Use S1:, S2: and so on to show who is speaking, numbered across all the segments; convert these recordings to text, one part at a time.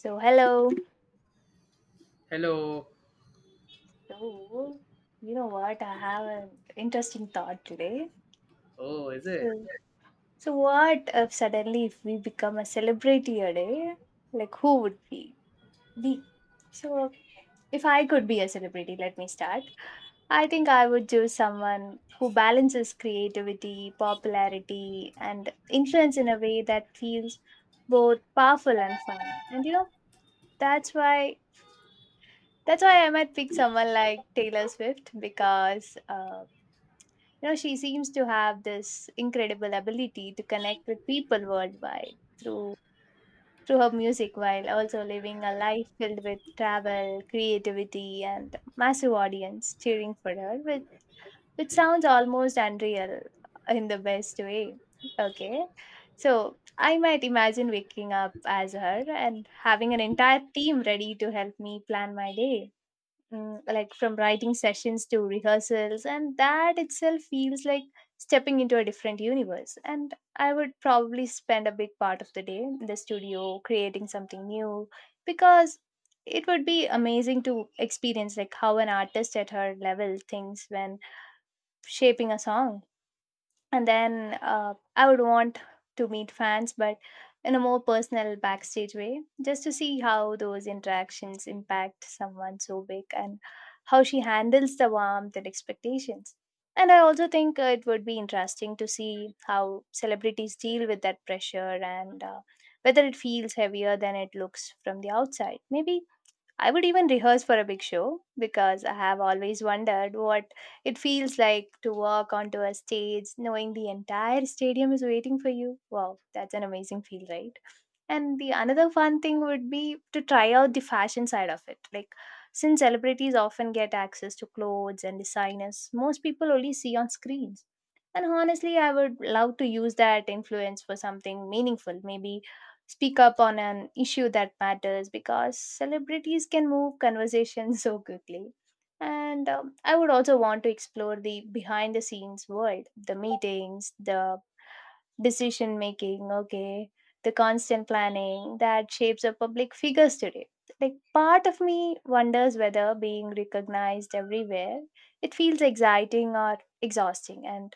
S1: So, hello.
S2: Hello.
S1: So, you know what? I have an interesting thought today.
S2: Oh, is it?
S1: So, so what if suddenly if we become a celebrity a day, like who would be? So, if I could be a celebrity, let me start. I think I would choose someone who balances creativity, popularity, and influence in a way that feels both powerful and fun. And you know, that's why that's why I might pick someone like Taylor Swift because you know, she seems to have this incredible ability to connect with people worldwide through her music while also living a life filled with travel, creativity and massive audience cheering for her which sounds almost unreal in the best way. Okay. So I might imagine waking up as her and having an entire team ready to help me plan my day. Like from writing sessions to rehearsals and that itself feels like stepping into a different universe, and I would probably spend a big part of the day in the studio creating something new because it would be amazing to experience like how an artist at her level thinks when shaping a song. And then I would want to meet fans, but in a more personal backstage way, just to see how those interactions impact someone so big and how she handles the warmth and expectations. And I also think it would be interesting to see how celebrities deal with that pressure and whether it feels heavier than it looks from the outside. Maybe I would even rehearse for a big show because I have always wondered what it feels like to walk onto a stage knowing the entire stadium is waiting for you. Wow, that's an amazing feel, right? And the another fun thing would be to try out the fashion side of it. Like, since celebrities often get access to clothes and designers most people only see on screens. And honestly, I would love to use that influence for something meaningful. Maybe speak up on an issue that matters because celebrities can move conversations so quickly. And I would also want to explore the behind the scenes world, the meetings, the decision making, okay, the constant planning that shapes a public figures today. Like part of me wonders whether being recognized everywhere, it feels exciting or exhausting. And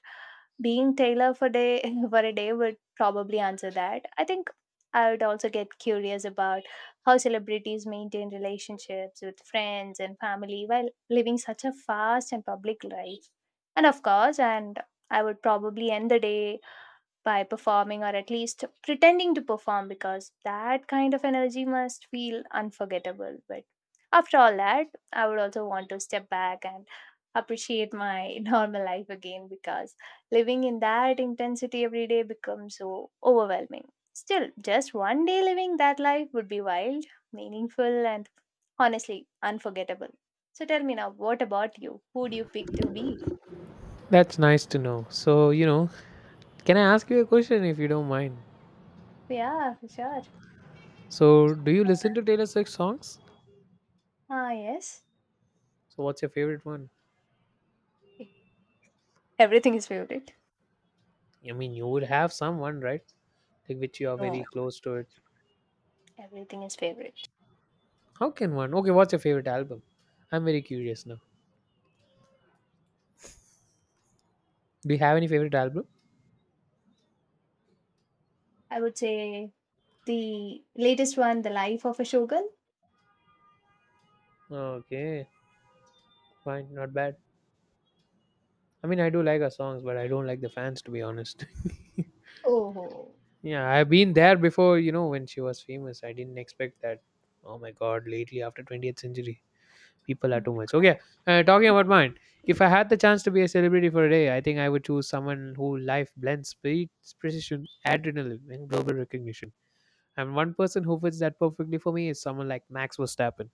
S1: being Taylor for day for a day would probably answer that. I think I would also get curious about how celebrities maintain relationships with friends and family while living such a fast and public life. And of course, and I would probably end the day by performing or at least pretending to perform because that kind of energy must feel unforgettable. But after all that, I would also want to step back and appreciate my normal life again because living in that intensity every day becomes so overwhelming. Still, just one day living that life would be wild, meaningful, and honestly unforgettable. So tell me now, what about you? Who do you pick to be?
S2: That's nice to know. So, you know, can I ask you a question if you don't mind?
S1: Yeah, for sure.
S2: So, do you listen to Taylor Swift songs?
S1: Ah, yes.
S2: So, what's your favorite one?
S1: Everything is favorite.
S2: I mean, you would have someone, right? Like, which you are
S1: No,
S2: very close to it.
S1: everything is favorite.
S2: How can one? Okay, what's your favorite album? I'm very curious now. Do you have any favorite album?
S1: I would say the latest one, The Life of a Shogun.
S2: Okay, fine, not bad. I mean, I do like her songs, but I don't like the fans, to be honest.
S1: Oh.
S2: Yeah, I've been there before, you know, when she was famous. I didn't expect that. Oh my god, lately after 20th century. People are
S1: Mm.
S2: too much. Okay, talking about mine. If I had the chance to be a celebrity for a day, I think I would choose someone who life blends speed, precision, adrenaline, and global recognition. And one person who fits that perfectly for me is someone like Max Verstappen.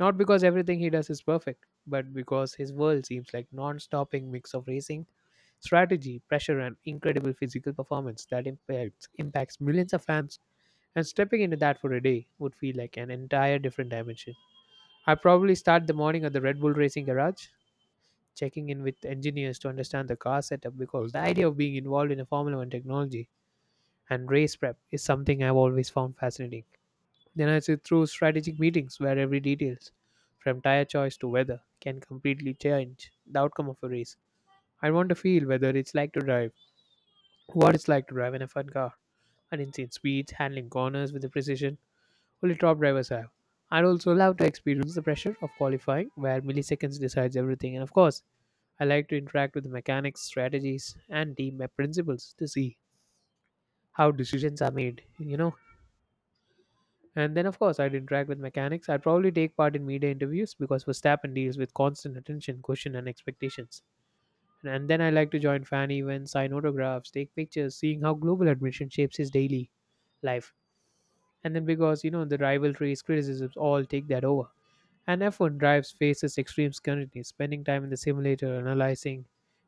S2: Not because everything he does is perfect, but because his world seems like non-stopping mix of racing, strategy, pressure, and incredible physical performance that impacts millions of fans. And stepping into that for a day would feel like an entire different dimension. I probably start the morning at the Red Bull Racing Garage, checking in with engineers to understand the car setup because the idea of being involved in a Formula One technology and race prep is something I've always found fascinating. Then I sit through strategic meetings where every details, from tire choice to weather, can completely change the outcome of a race. I want to feel whether it's like to drive, what it's like to drive in a fun car, and insane speeds, handling corners with the precision, only top drivers have. I'd also love to experience the pressure of qualifying where milliseconds decides everything. And of course, I like to interact with the mechanics, strategies, and team principles to see how decisions are made, you know. And then, of course, I'd interact with mechanics. I'd probably take part in media interviews because Verstappen deals with constant attention, question, and expectations. And then I like to join fan events, sign autographs, take pictures, seeing how global admission shapes his daily life. And then because you know the rivalries, criticisms all take that over. And F1 drives faces extreme scrutiny, spending time in the simulator, analyzing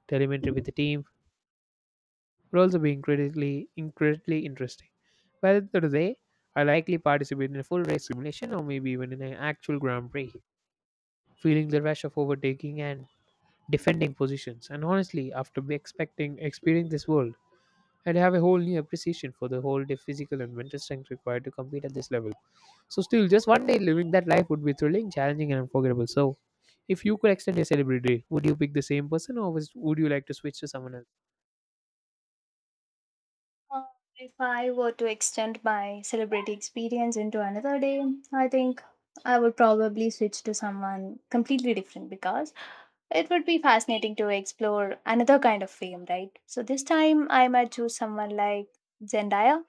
S2: telemetry with the team, would also be incredibly interesting. Whether today, I likely participate in a full race simulation or maybe even in an actual Grand Prix, feeling the rush of overtaking and defending positions. And honestly, after be expecting experiencing this world, I'd have a whole new appreciation for the whole day physical and mental strength required to compete at this level. So still, just one day living that life would be thrilling, challenging, and unforgettable. So, if you could extend your celebrity, would you pick the same person, or would you like to switch to someone else?
S1: Uh, if I were to extend my celebrity experience into another day, I think I would probably switch to someone completely different because it would be fascinating to explore another kind of fame, right? So this time I might choose someone like Zendaya,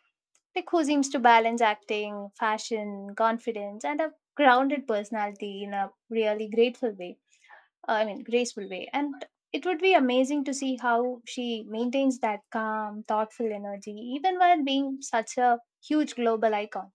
S1: like who seems to balance acting, fashion, confidence, and a grounded personality in a really grateful way. I mean, graceful way. And it would be amazing to see how she maintains that calm, thoughtful energy, even while being such a huge global icon.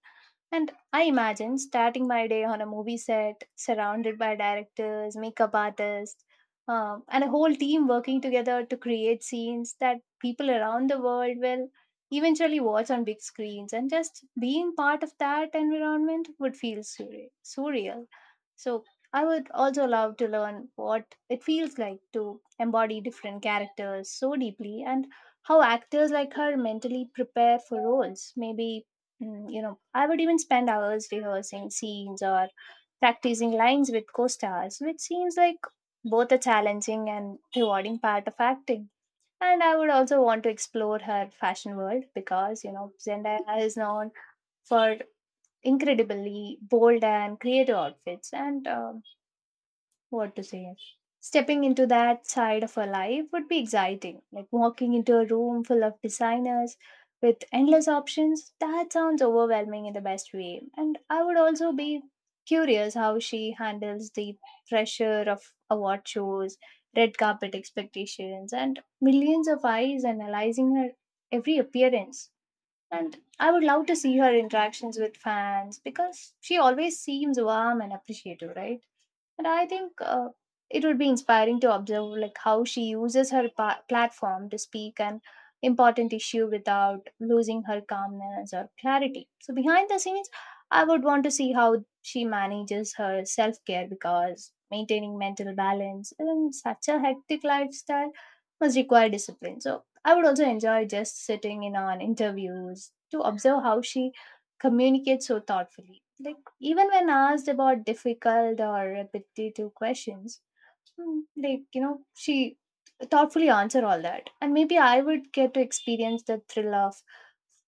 S1: And I imagine starting my day on a movie set, surrounded by directors, makeup artists, and a whole team working together to create scenes that people around the world will eventually watch on big screens. And just being part of that environment would feel surreal. So I would also love to learn what it feels like to embody different characters so deeply and how actors like her mentally prepare for roles. Maybe, you know, I would even spend hours rehearsing scenes or practicing lines with co stars, which seems like both a challenging and rewarding part of acting. And I would also want to explore her fashion world because, you know, Zendaya is known for incredibly bold and creative outfits and what to say? Stepping into that side of her life would be exciting. Like walking into a room full of designers with endless options, that sounds overwhelming in the best way. And I would also be curious how she handles the pressure of award shows, red carpet expectations, and millions of eyes analyzing her every appearance. And I would love to see her interactions with fans because she always seems warm and appreciative, right? And I think it would be inspiring to observe like how she uses her platform to speak an important issue without losing her calmness or clarity. So behind the scenes I would want to see how she manages her self-care because maintaining mental balance in such a hectic lifestyle must require discipline. So I would also enjoy just sitting in on interviews to observe how she communicates so thoughtfully, like even when asked about difficult or repetitive questions. Like, you know, she thoughtfully answer all that. And maybe I would get to experience the thrill of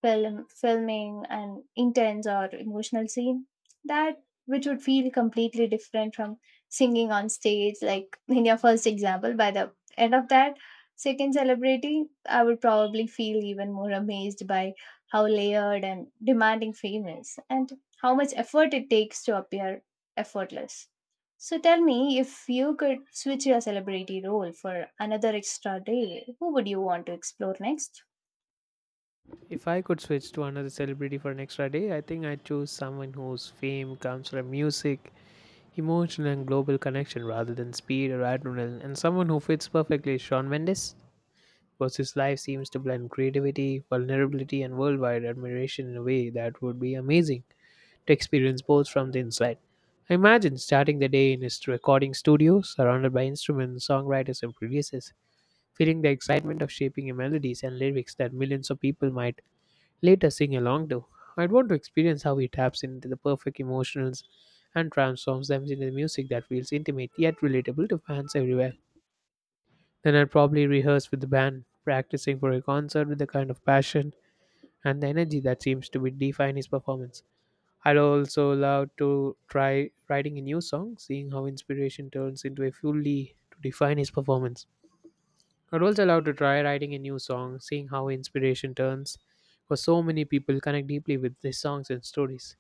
S1: filming an intense or emotional scene. That which would feel completely different from singing on stage, like in your first example. By the end of that second celebrity, I would probably feel even more amazed by how layered and demanding fame is and how much effort it takes to appear effortless. So tell me, if you could switch your celebrity role for another extra day, who would you want to explore next?
S2: If I could switch to another celebrity for an extra day, I think I'd choose someone whose fame comes from music, emotional, and global connection rather than speed or adrenaline. And someone who fits perfectly is Shawn Mendes. Because his life seems to blend creativity, vulnerability, and worldwide admiration in a way that would be amazing to experience both from the inside. I imagine starting the day in his recording studio, surrounded by instruments, songwriters, and producers, feeling the excitement of shaping a melodies and lyrics that millions of people might later sing along to. I'd want to experience how he taps into the perfect emotions and transforms them into the music that feels intimate yet relatable to fans everywhere. Then I'd probably rehearse with the band, practicing for a concert with the kind of passion and the energy that seems to be define his performance. I'd also love to try writing a new song, seeing how inspiration turns into a fully to define his performance. I'd also love to try writing a new song, seeing how inspiration turns, because so many people connect deeply with these songs and stories.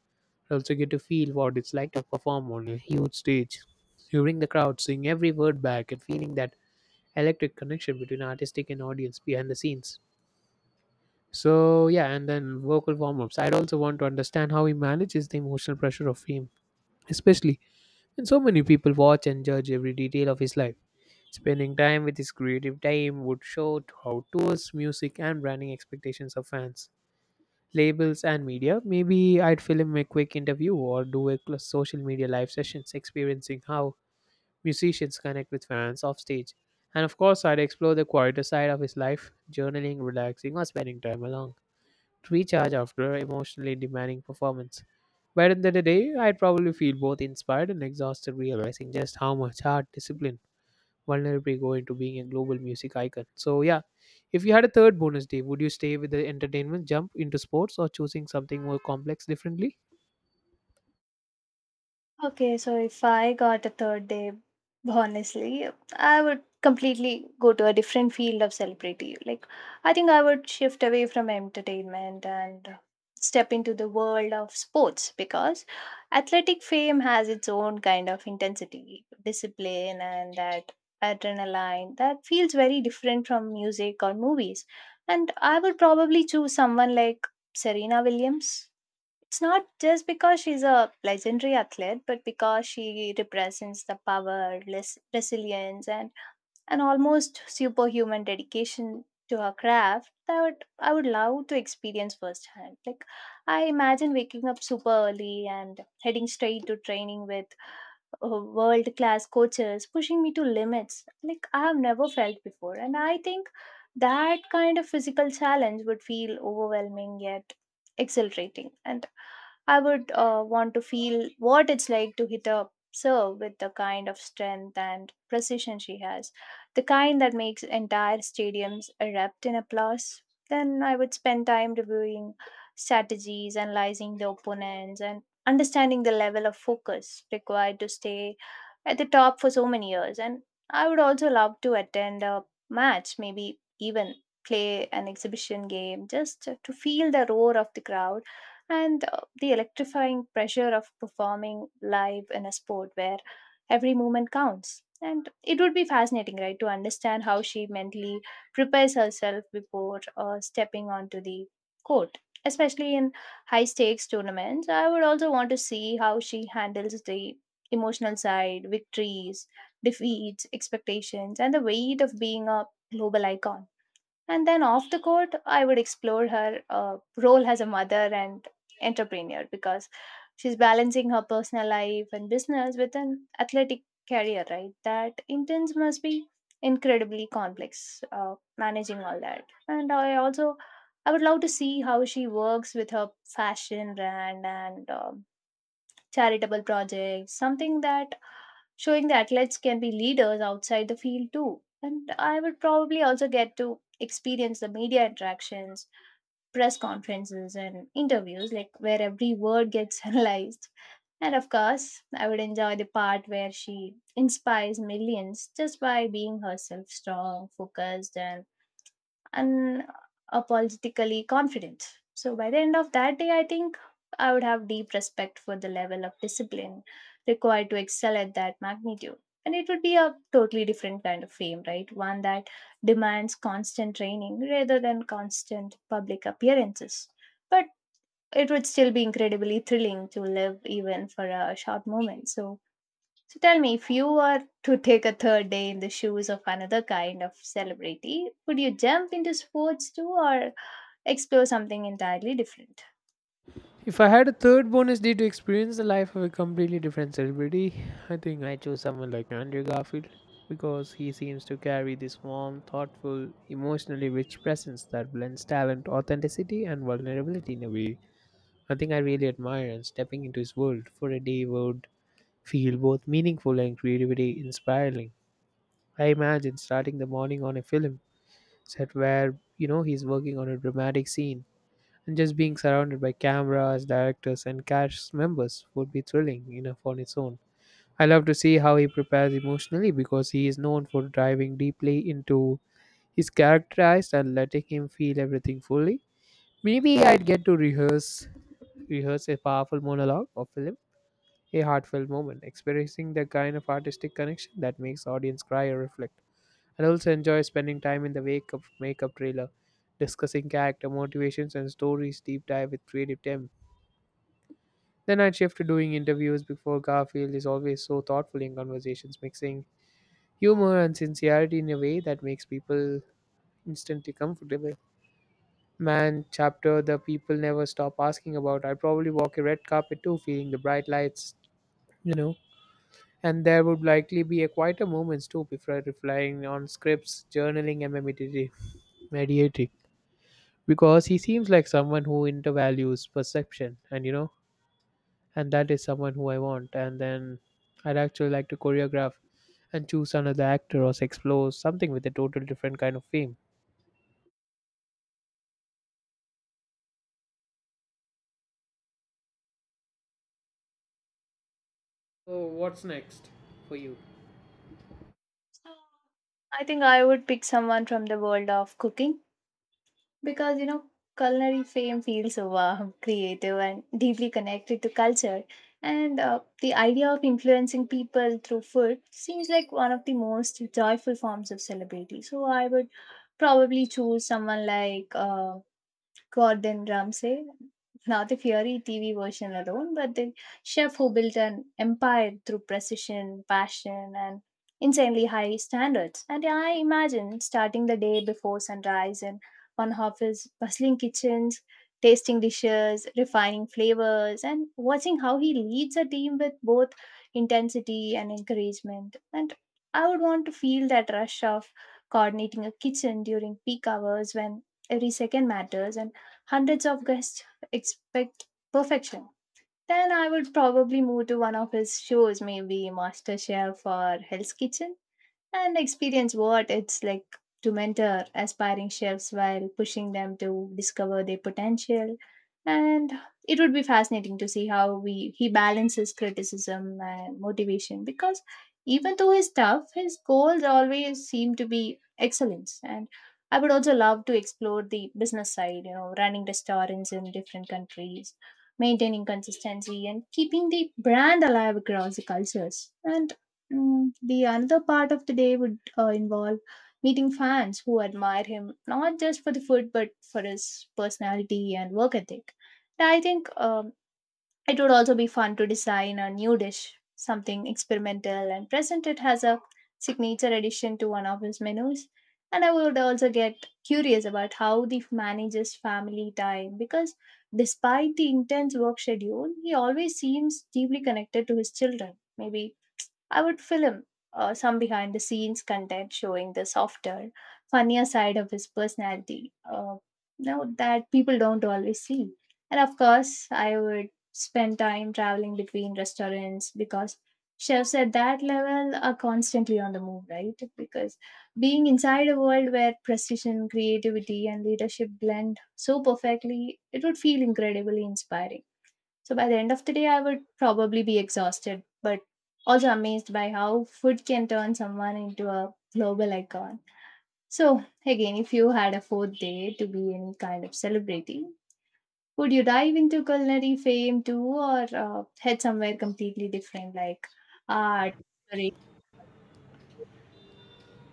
S2: I also get to feel what it's like to perform on a huge stage, hearing the crowd sing every word back and feeling that electric connection between artistic and audience behind the scenes. So yeah, and then vocal warm-ups. I'd also want to understand how he manages the emotional pressure of fame especially when so many people watch and judge every detail of his life. Spending time with his creative team would show how tours, music, and branding expectations of fans, labels, and media. Maybe I'd film a quick interview or do a social media live sessions experiencing how musicians connect with fans off stage. And of course, I'd explore the quieter side of his life, journaling, relaxing, or spending time alone to recharge after emotionally demanding performance. By the end of the day, I'd probably feel both inspired and exhausted, realizing just how much hard discipline vulnerably go into being a global music icon. So, yeah, if you had a third bonus day, would you stay with the entertainment, jump into sports, or choosing something more complex differently?
S1: Okay, so if I got a third day, honestly, I would completely go to a different field of celebrity. Like, I think I would shift away from entertainment and step into the world of sports because athletic fame has its own kind of intensity, discipline, and that adrenaline that feels very different from music or movies. And I would probably choose someone like Serena Williams. It's not just because she's a legendary athlete, but because she represents the power, resilience, and an almost superhuman dedication to her craft that I would love to experience firsthand. Like, I imagine waking up super early and heading straight to training with world class coaches pushing me to limits like I have never felt before. And I think that kind of physical challenge would feel overwhelming yet exhilarating. And I would want to feel what it's like to hit a serve with the kind of strength and precision she has, the kind that makes entire stadiums erupt in applause. Then I would spend time reviewing strategies, analyzing the opponents, and understanding the level of focus required to stay at the top for so many years. And I would also love to attend a match, maybe even play an exhibition game, just to feel the roar of the crowd and the electrifying pressure of performing live in a sport where every movement counts. And it would be fascinating, right, to understand how she mentally prepares herself before stepping onto the court. Especially in high stakes tournaments, I would also want to see how she handles the emotional side, victories, defeats, expectations, and the weight of being a global icon. And then off the court, I would explore her role as a mother and entrepreneur because she's balancing her personal life and business with an athletic career, right? That intense must be incredibly complex managing all that. And I would love to see how she works with her fashion brand and charitable projects, something that showing that athletes can be leaders outside the field too. And I would probably also get to experience the media interactions, press conferences, and interviews, like where every word gets analyzed. And of course, I would enjoy the part where she inspires millions just by being herself strong, focused, and unapologetically confident. So by the end of that day, I think I would have deep respect for the level of discipline required to excel at that magnitude. And it would be a totally different kind of fame, right? One that demands constant training rather than constant public appearances. But it would still be incredibly thrilling to live even for a short moment. So tell me, if you were to take a third day in the shoes of another kind of celebrity, would you jump into sports too or explore something entirely different?
S2: If I had a third bonus day to experience the life of a completely different celebrity, I think I chose someone like Andrew Garfield because he seems to carry this warm, thoughtful, emotionally rich presence that blends talent, authenticity, and vulnerability in a way I think I really admire. And stepping into his world for a day would feel both meaningful and creativity inspiring. I imagine starting the morning on a film set where you know he's working on a dramatic scene and just being surrounded by cameras, directors, and cast members would be thrilling enough on its own. I love to see how he prepares emotionally because he is known for diving deeply into his characterized and letting him feel everything fully. Maybe I'd get to rehearse a powerful monologue or film, a heartfelt moment, experiencing the kind of artistic connection that makes audience cry or reflect. I also enjoy spending time in the wake of makeup trailer, discussing character motivations and stories deep dive with creative team. Then I'd shift to doing interviews before Garfield is always so thoughtful in conversations, mixing humor and sincerity in a way that makes people instantly comfortable. Man, chapter the people never stop asking about. I'd probably walk a red carpet too, feeling the bright lights, you know. And there would likely be a quieter moments too before relying on scripts, journaling, and meditating. Mediating because he seems like someone who intervalues perception and, you know, and that is someone who I want. And then I'd actually like to choreograph and choose another actor or explore something with a total different kind of fame. So, what's next for you?
S1: I think I would pick someone from the world of cooking because you know culinary fame feels so warm, creative, and deeply connected to culture. And the idea of influencing people through food seems like one of the most joyful forms of celebrity. So I would probably choose someone like Gordon Ramsay, not the fiery TV version alone, but the chef who built an empire through precision, passion, and insanely high standards. And yeah, I imagine starting the day before sunrise in one of his bustling kitchens, tasting dishes, refining flavors, and watching how he leads a team with both intensity and encouragement. And I would want to feel that rush of coordinating a kitchen during peak hours when every second matters and hundreds of guests expect perfection. Then I would probably move to one of his shows, maybe MasterChef or Hell's Kitchen, and experience what it's like to mentor aspiring chefs while pushing them to discover their potential. And it would be fascinating to see how we he balances criticism and motivation, because even though he's tough, his goals always seem to be excellence. And I would also love to explore the business side, you know, running restaurants in different countries, maintaining consistency and keeping the brand alive across the cultures. And the another part of the day would involve meeting fans who admire him not just for the food but for his personality and work ethic. And I think it would also be fun to design a new dish, something experimental, and present it as a signature addition to one of his menus. And I would also get curious about how the manages family time, because despite the intense work schedule, he always seems deeply connected to his children. Maybe I would film some behind the scenes content showing the softer, funnier side of his personality. No, that people don't always see. And of course, I would spend time traveling between restaurants, because chefs at that level are constantly on the move, right? Because being inside a world where precision, creativity, and leadership blend so perfectly, it would feel incredibly inspiring. So by the end of the day, I would probably be exhausted, but also amazed by how food can turn someone into a global icon. So, again, if you had a fourth day to be any kind of celebrity, would you dive into culinary fame too, or head somewhere completely different, like art? Sorry.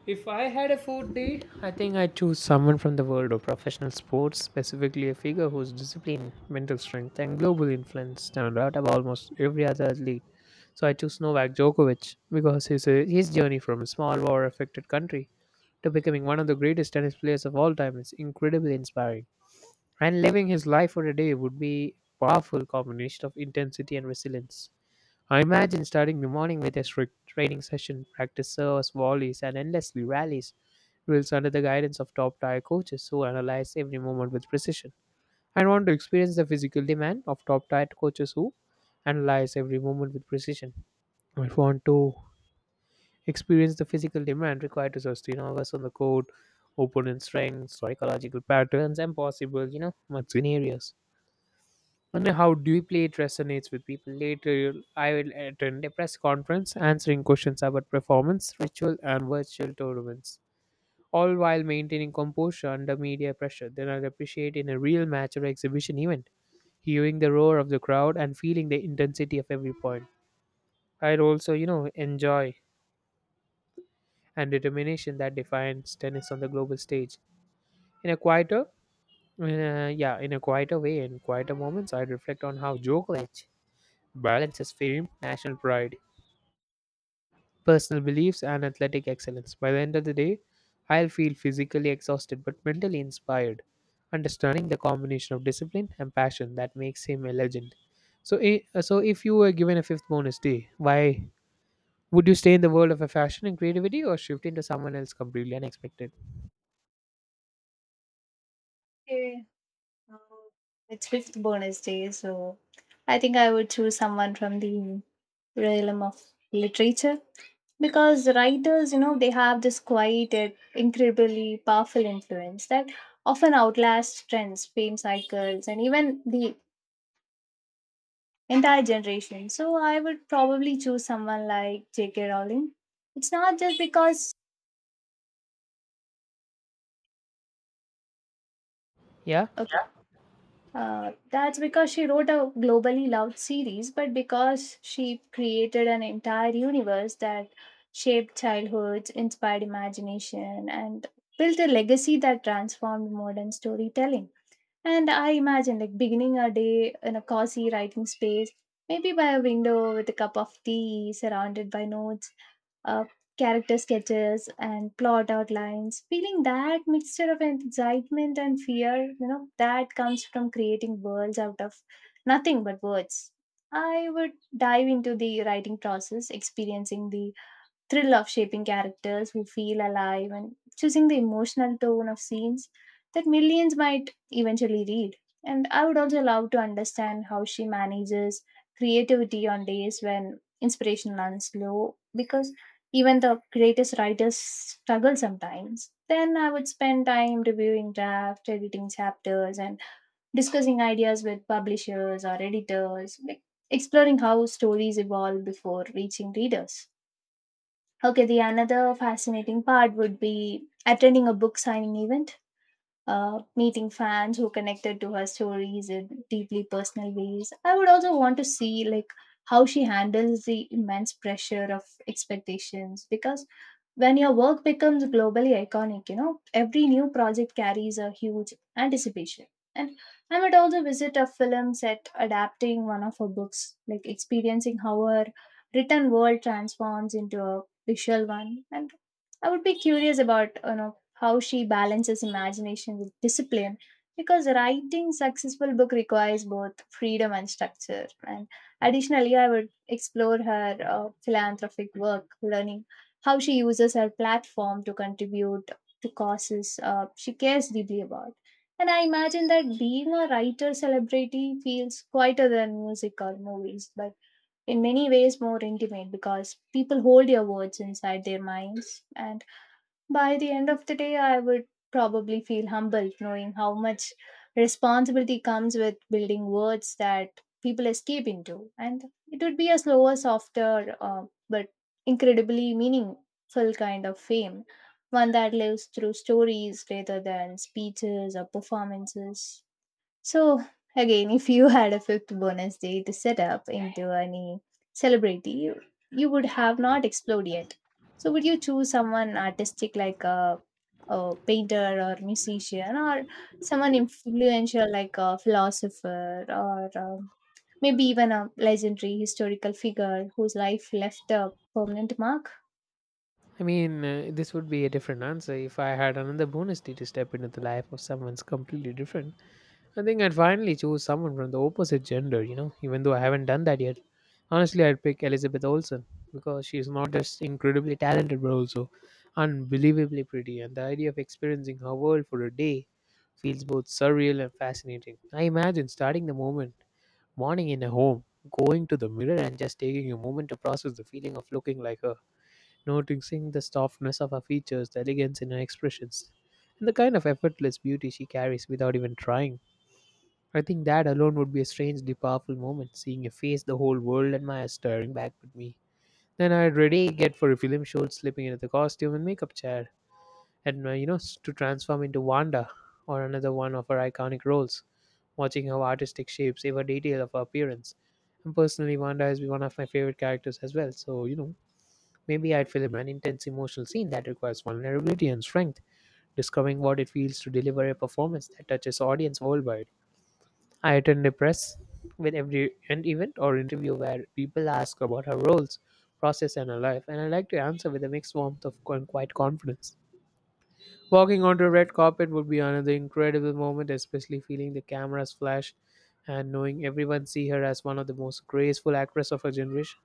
S2: If I had a fourth day, I think I'd choose someone from the world of professional sports, specifically a figure whose discipline, mental strength, and global influence stand out above almost every other athlete. So I choose Novak Djokovic because his journey from a small war affected country to becoming one of the greatest tennis players of all time is incredibly inspiring. And living his life for a day would be a powerful combination of intensity and resilience. I imagine starting the morning with a strict training session, practice serves, volleys, and endlessly rallies drills under the guidance of top tier coaches who analyze every movement with precision. I want to experience the physical demand of top tier coaches who analyze every movement with precision. I want to experience the physical demand required to sustain hours on the court, opponent strength, psychological patterns, and possible, you know, much scenarios wonder how deeply it resonates with people. Later, I will attend a press conference answering questions about performance, ritual, and virtual tournaments, all while maintaining composure under media pressure. Then I'll appreciate in a real match or exhibition event, hearing the roar of the crowd and feeling the intensity of every point. I'd also, you know, enjoy and determination that defines tennis on the global stage. In a quieter, uh, yeah, in quieter moments, I'd reflect on how Djokovic balances fame, national pride, personal beliefs, and athletic excellence. By the end of the day, I'll feel physically exhausted but mentally inspired, understanding the combination of discipline and passion that makes him a legend. So, so if you were given a fifth bonus day, why would you stay in the world of a fashion and creativity or shift into someone else completely unexpected?
S1: Okay, uh, it's fifth bonus day, so I think I would choose someone from the realm of literature, because writers, you know, they have this quiet yet incredibly powerful influence that often outlasts trends, fame cycles, and even the entire generation. So I would probably choose someone like JK Rowling. It's not just because
S2: Yeah,
S1: okay, yeah, uh, that's because she wrote a globally loved series, but because she created an entire universe that shaped childhoods, inspired imagination, and built a legacy that transformed modern storytelling. And I imagine like beginning a day in a cozy writing space, maybe by a window with a cup of tea, surrounded by notes, uh, character sketches, and plot outlines. Feeling that mixture of excitement and fear, you know, that comes from creating worlds out of nothing but words. I would dive into the writing process, experiencing the thrill of shaping characters who feel alive and choosing the emotional tone of scenes that millions might eventually read. And I would also love to understand how she manages creativity on days when inspiration runs low, because even the greatest writers struggle sometimes. Then I would spend time reviewing drafts, editing chapters, and discussing ideas with publishers or editors, like exploring how stories evolve before reaching readers. Okay, the another fascinating part would be attending a book signing event, meeting fans who connected to her stories in deeply personal ways. I would also want to see like how she handles the immense pressure of expectations, because when your work becomes globally iconic, you know, every new project carries a huge anticipation. And I might also visit a film set adapting one of her books, like experiencing how her written world transforms into a visual one. And I would be curious about, you know, how she balances imagination with discipline, because writing successful book requires both freedom and structure. And additionally, I would explore her philanthropic work, learning how she uses her platform to contribute to causes she cares deeply about. And I imagine that being a writer celebrity feels quieter than music or movies, but in many ways more intimate, because people hold your words inside their minds. And by the end of the day, I would probably feel humbled knowing how much responsibility comes with building words that people escape into. And it would be a slower, softer, but incredibly meaningful kind of fame, one that lives through stories rather than speeches or performances. So again, if you had a fifth bonus day to set up into any celebrity, you would have not explored yet. So would you choose someone artistic like a painter or musician, or someone influential like a philosopher, or maybe even a legendary historical figure whose life left a permanent mark?
S2: I mean, this would be a different answer if I had another bonus day to step into the life of someone's completely different. I think I'd finally choose someone from the opposite gender, you know, even though I haven't done that yet. Honestly, I'd pick Elizabeth Olsen because she's not just incredibly talented but also unbelievably pretty, and the idea of experiencing her world for a day feels both surreal and fascinating. I imagine starting the moment, morning in a home, going to the mirror and just taking a moment to process the feeling of looking like her, noticing the softness of her features, the elegance in her expressions, and the kind of effortless beauty she carries without even trying. I think that alone would be a strangely powerful moment, seeing a face the whole world admires staring back at me. Then I'd ready get for a film shoot, slipping into the costume and makeup chair, and to transform into Wanda or another one of her iconic roles, watching how artistic shapes every detail of her appearance. And personally, Wanda is one of my favorite characters as well. So maybe I'd film an intense emotional scene that requires vulnerability and strength, discovering what it feels to deliver a performance that touches audience worldwide. I attend a press with every an event or interview where people ask about her roles, process, and her life, and I like to answer with a mixed warmth of and quite confidence. Walking onto a red carpet would be another incredible moment, especially feeling the cameras flash and knowing everyone see her as one of the most graceful actress of her generation.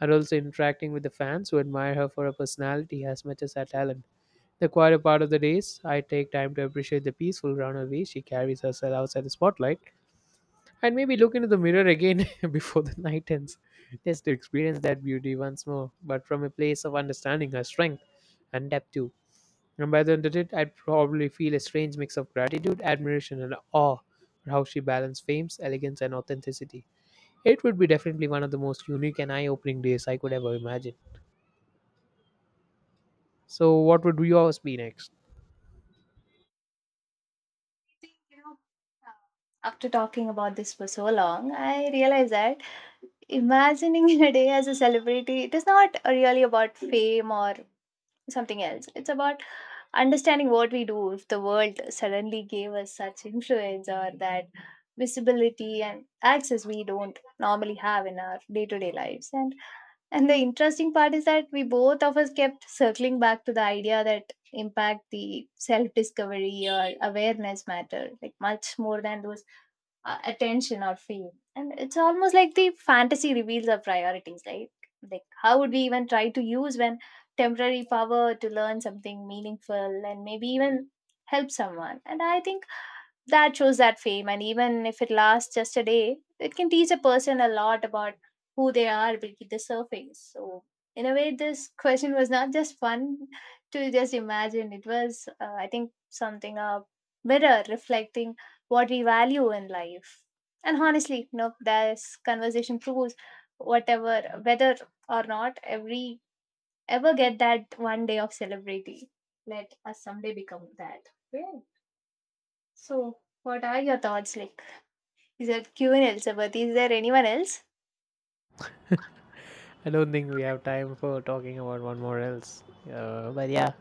S2: And also interacting with the fans who admire her for her personality as much as her talent. The quieter part of the days, I take time to appreciate the peaceful grounded way she carries herself outside the spotlight and maybe look into the mirror again before the night ends, just to experience that beauty once more, but from a place of understanding her strength and depth too. And by the end of it, I'd probably feel a strange mix of gratitude, admiration, and awe for how she balanced fame, elegance, and authenticity. It would be definitely one of the most unique and eye opening days I could ever imagine. So, what would yours be next?
S1: You know, after talking about this for so long, I realized that imagining a day as a celebrity, it is not really about fame or something else. It's about understanding what we do if the world suddenly gave us such influence, or that visibility and access we don't normally have in our day-to-day lives. And the interesting part is that we both of us kept circling back to the idea that impact, the self-discovery or awareness, matter like much more than those attention or fame. And it's almost like the fantasy reveals our priorities, right? Like how would we even try to use when temporary power to learn something meaningful and maybe even help someone. And I think that shows that fame, and even if it lasts just a day, it can teach a person a lot about who they are beneath the surface. So, in a way, this question was not just fun to just imagine. It was, I think, something a mirror reflecting what we value in life. And honestly, you know, this conversation proves whatever, whether or not every ever get that one day of celebrity, let us someday become that. Yeah. So, what are your thoughts like? Is there Q&A, is there anyone else?
S2: I don't think we have time for talking about one more else. But yeah,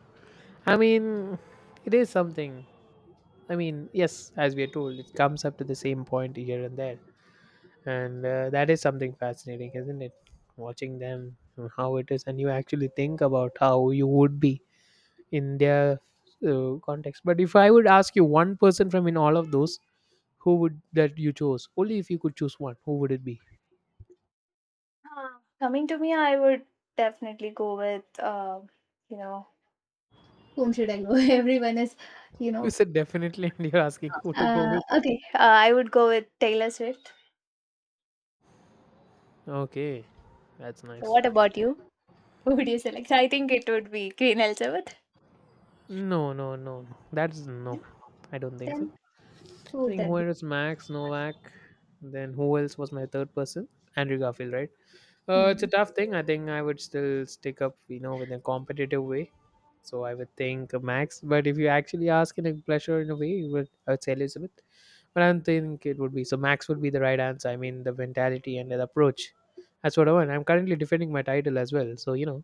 S2: I mean, it is something. I mean, yes, as we are told, it comes up to the same point here and there, and that is something fascinating, isn't it? Watching them, how it is, and you actually think about how you would be in their context. But if I would ask you one person from in all of those, who would that you chose? Only if you could choose one, who would it be?
S1: Ah. Coming to me, I would definitely go with you know, whom should I go? Everyone is, you
S2: You
S1: know,
S2: said definitely, and you're asking who to go with.
S1: okay. I would go with Taylor Swift.
S2: Okay, that's
S1: So,
S2: nice.
S1: what about you? Who would you select? I think it would be Queen Elizabeth.
S2: No, no, no, no. That's no.
S1: Yeah.
S2: I don't think so.
S1: Then
S2: I
S1: who would
S2: think
S1: that
S2: who
S1: be?
S2: else? Max Novak. Then who else was my third person? Andrew Garfield, right? It's a
S1: Mm.
S2: tough thing. I think I would still stick up, you know, with a competitive way. So I would think Max. But if you actually ask in a pleasure in a way, you would I would say Elizabeth. But I don't think it would be. So Max would be the right answer. I mean, the mentality and the approach. That's what I want. I'm currently defending my title as well. So you know,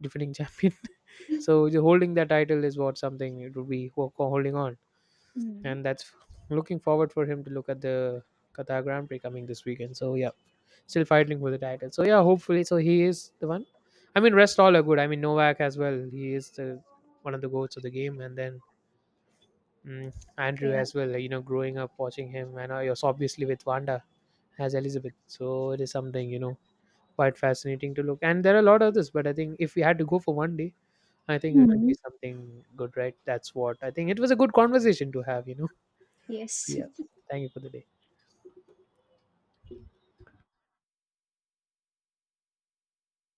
S2: defending champion. So the holding that title is what something it would be holding on
S1: Mm.
S2: and that's looking forward for him to look at the Qatar Grand Prix coming this weekend. So yeah, still fighting for the title. So yeah, hopefully, so he is the one. I mean, rest all are good. I mean, Novak as well. He is the one of the goats of the game, and then Andrew
S1: Okay. Right.
S2: as well. You know, growing up watching him, and I was obviously with Wanda as Elizabeth. So it is something you know quite fascinating to look. And there are a lot of this, but I think if we had to go for one day, I think it would
S1: Mm.
S2: be something good, right? That's what I think. It was a good conversation to have, you know. So
S1: Yes.
S2: yeah, thank you for the day.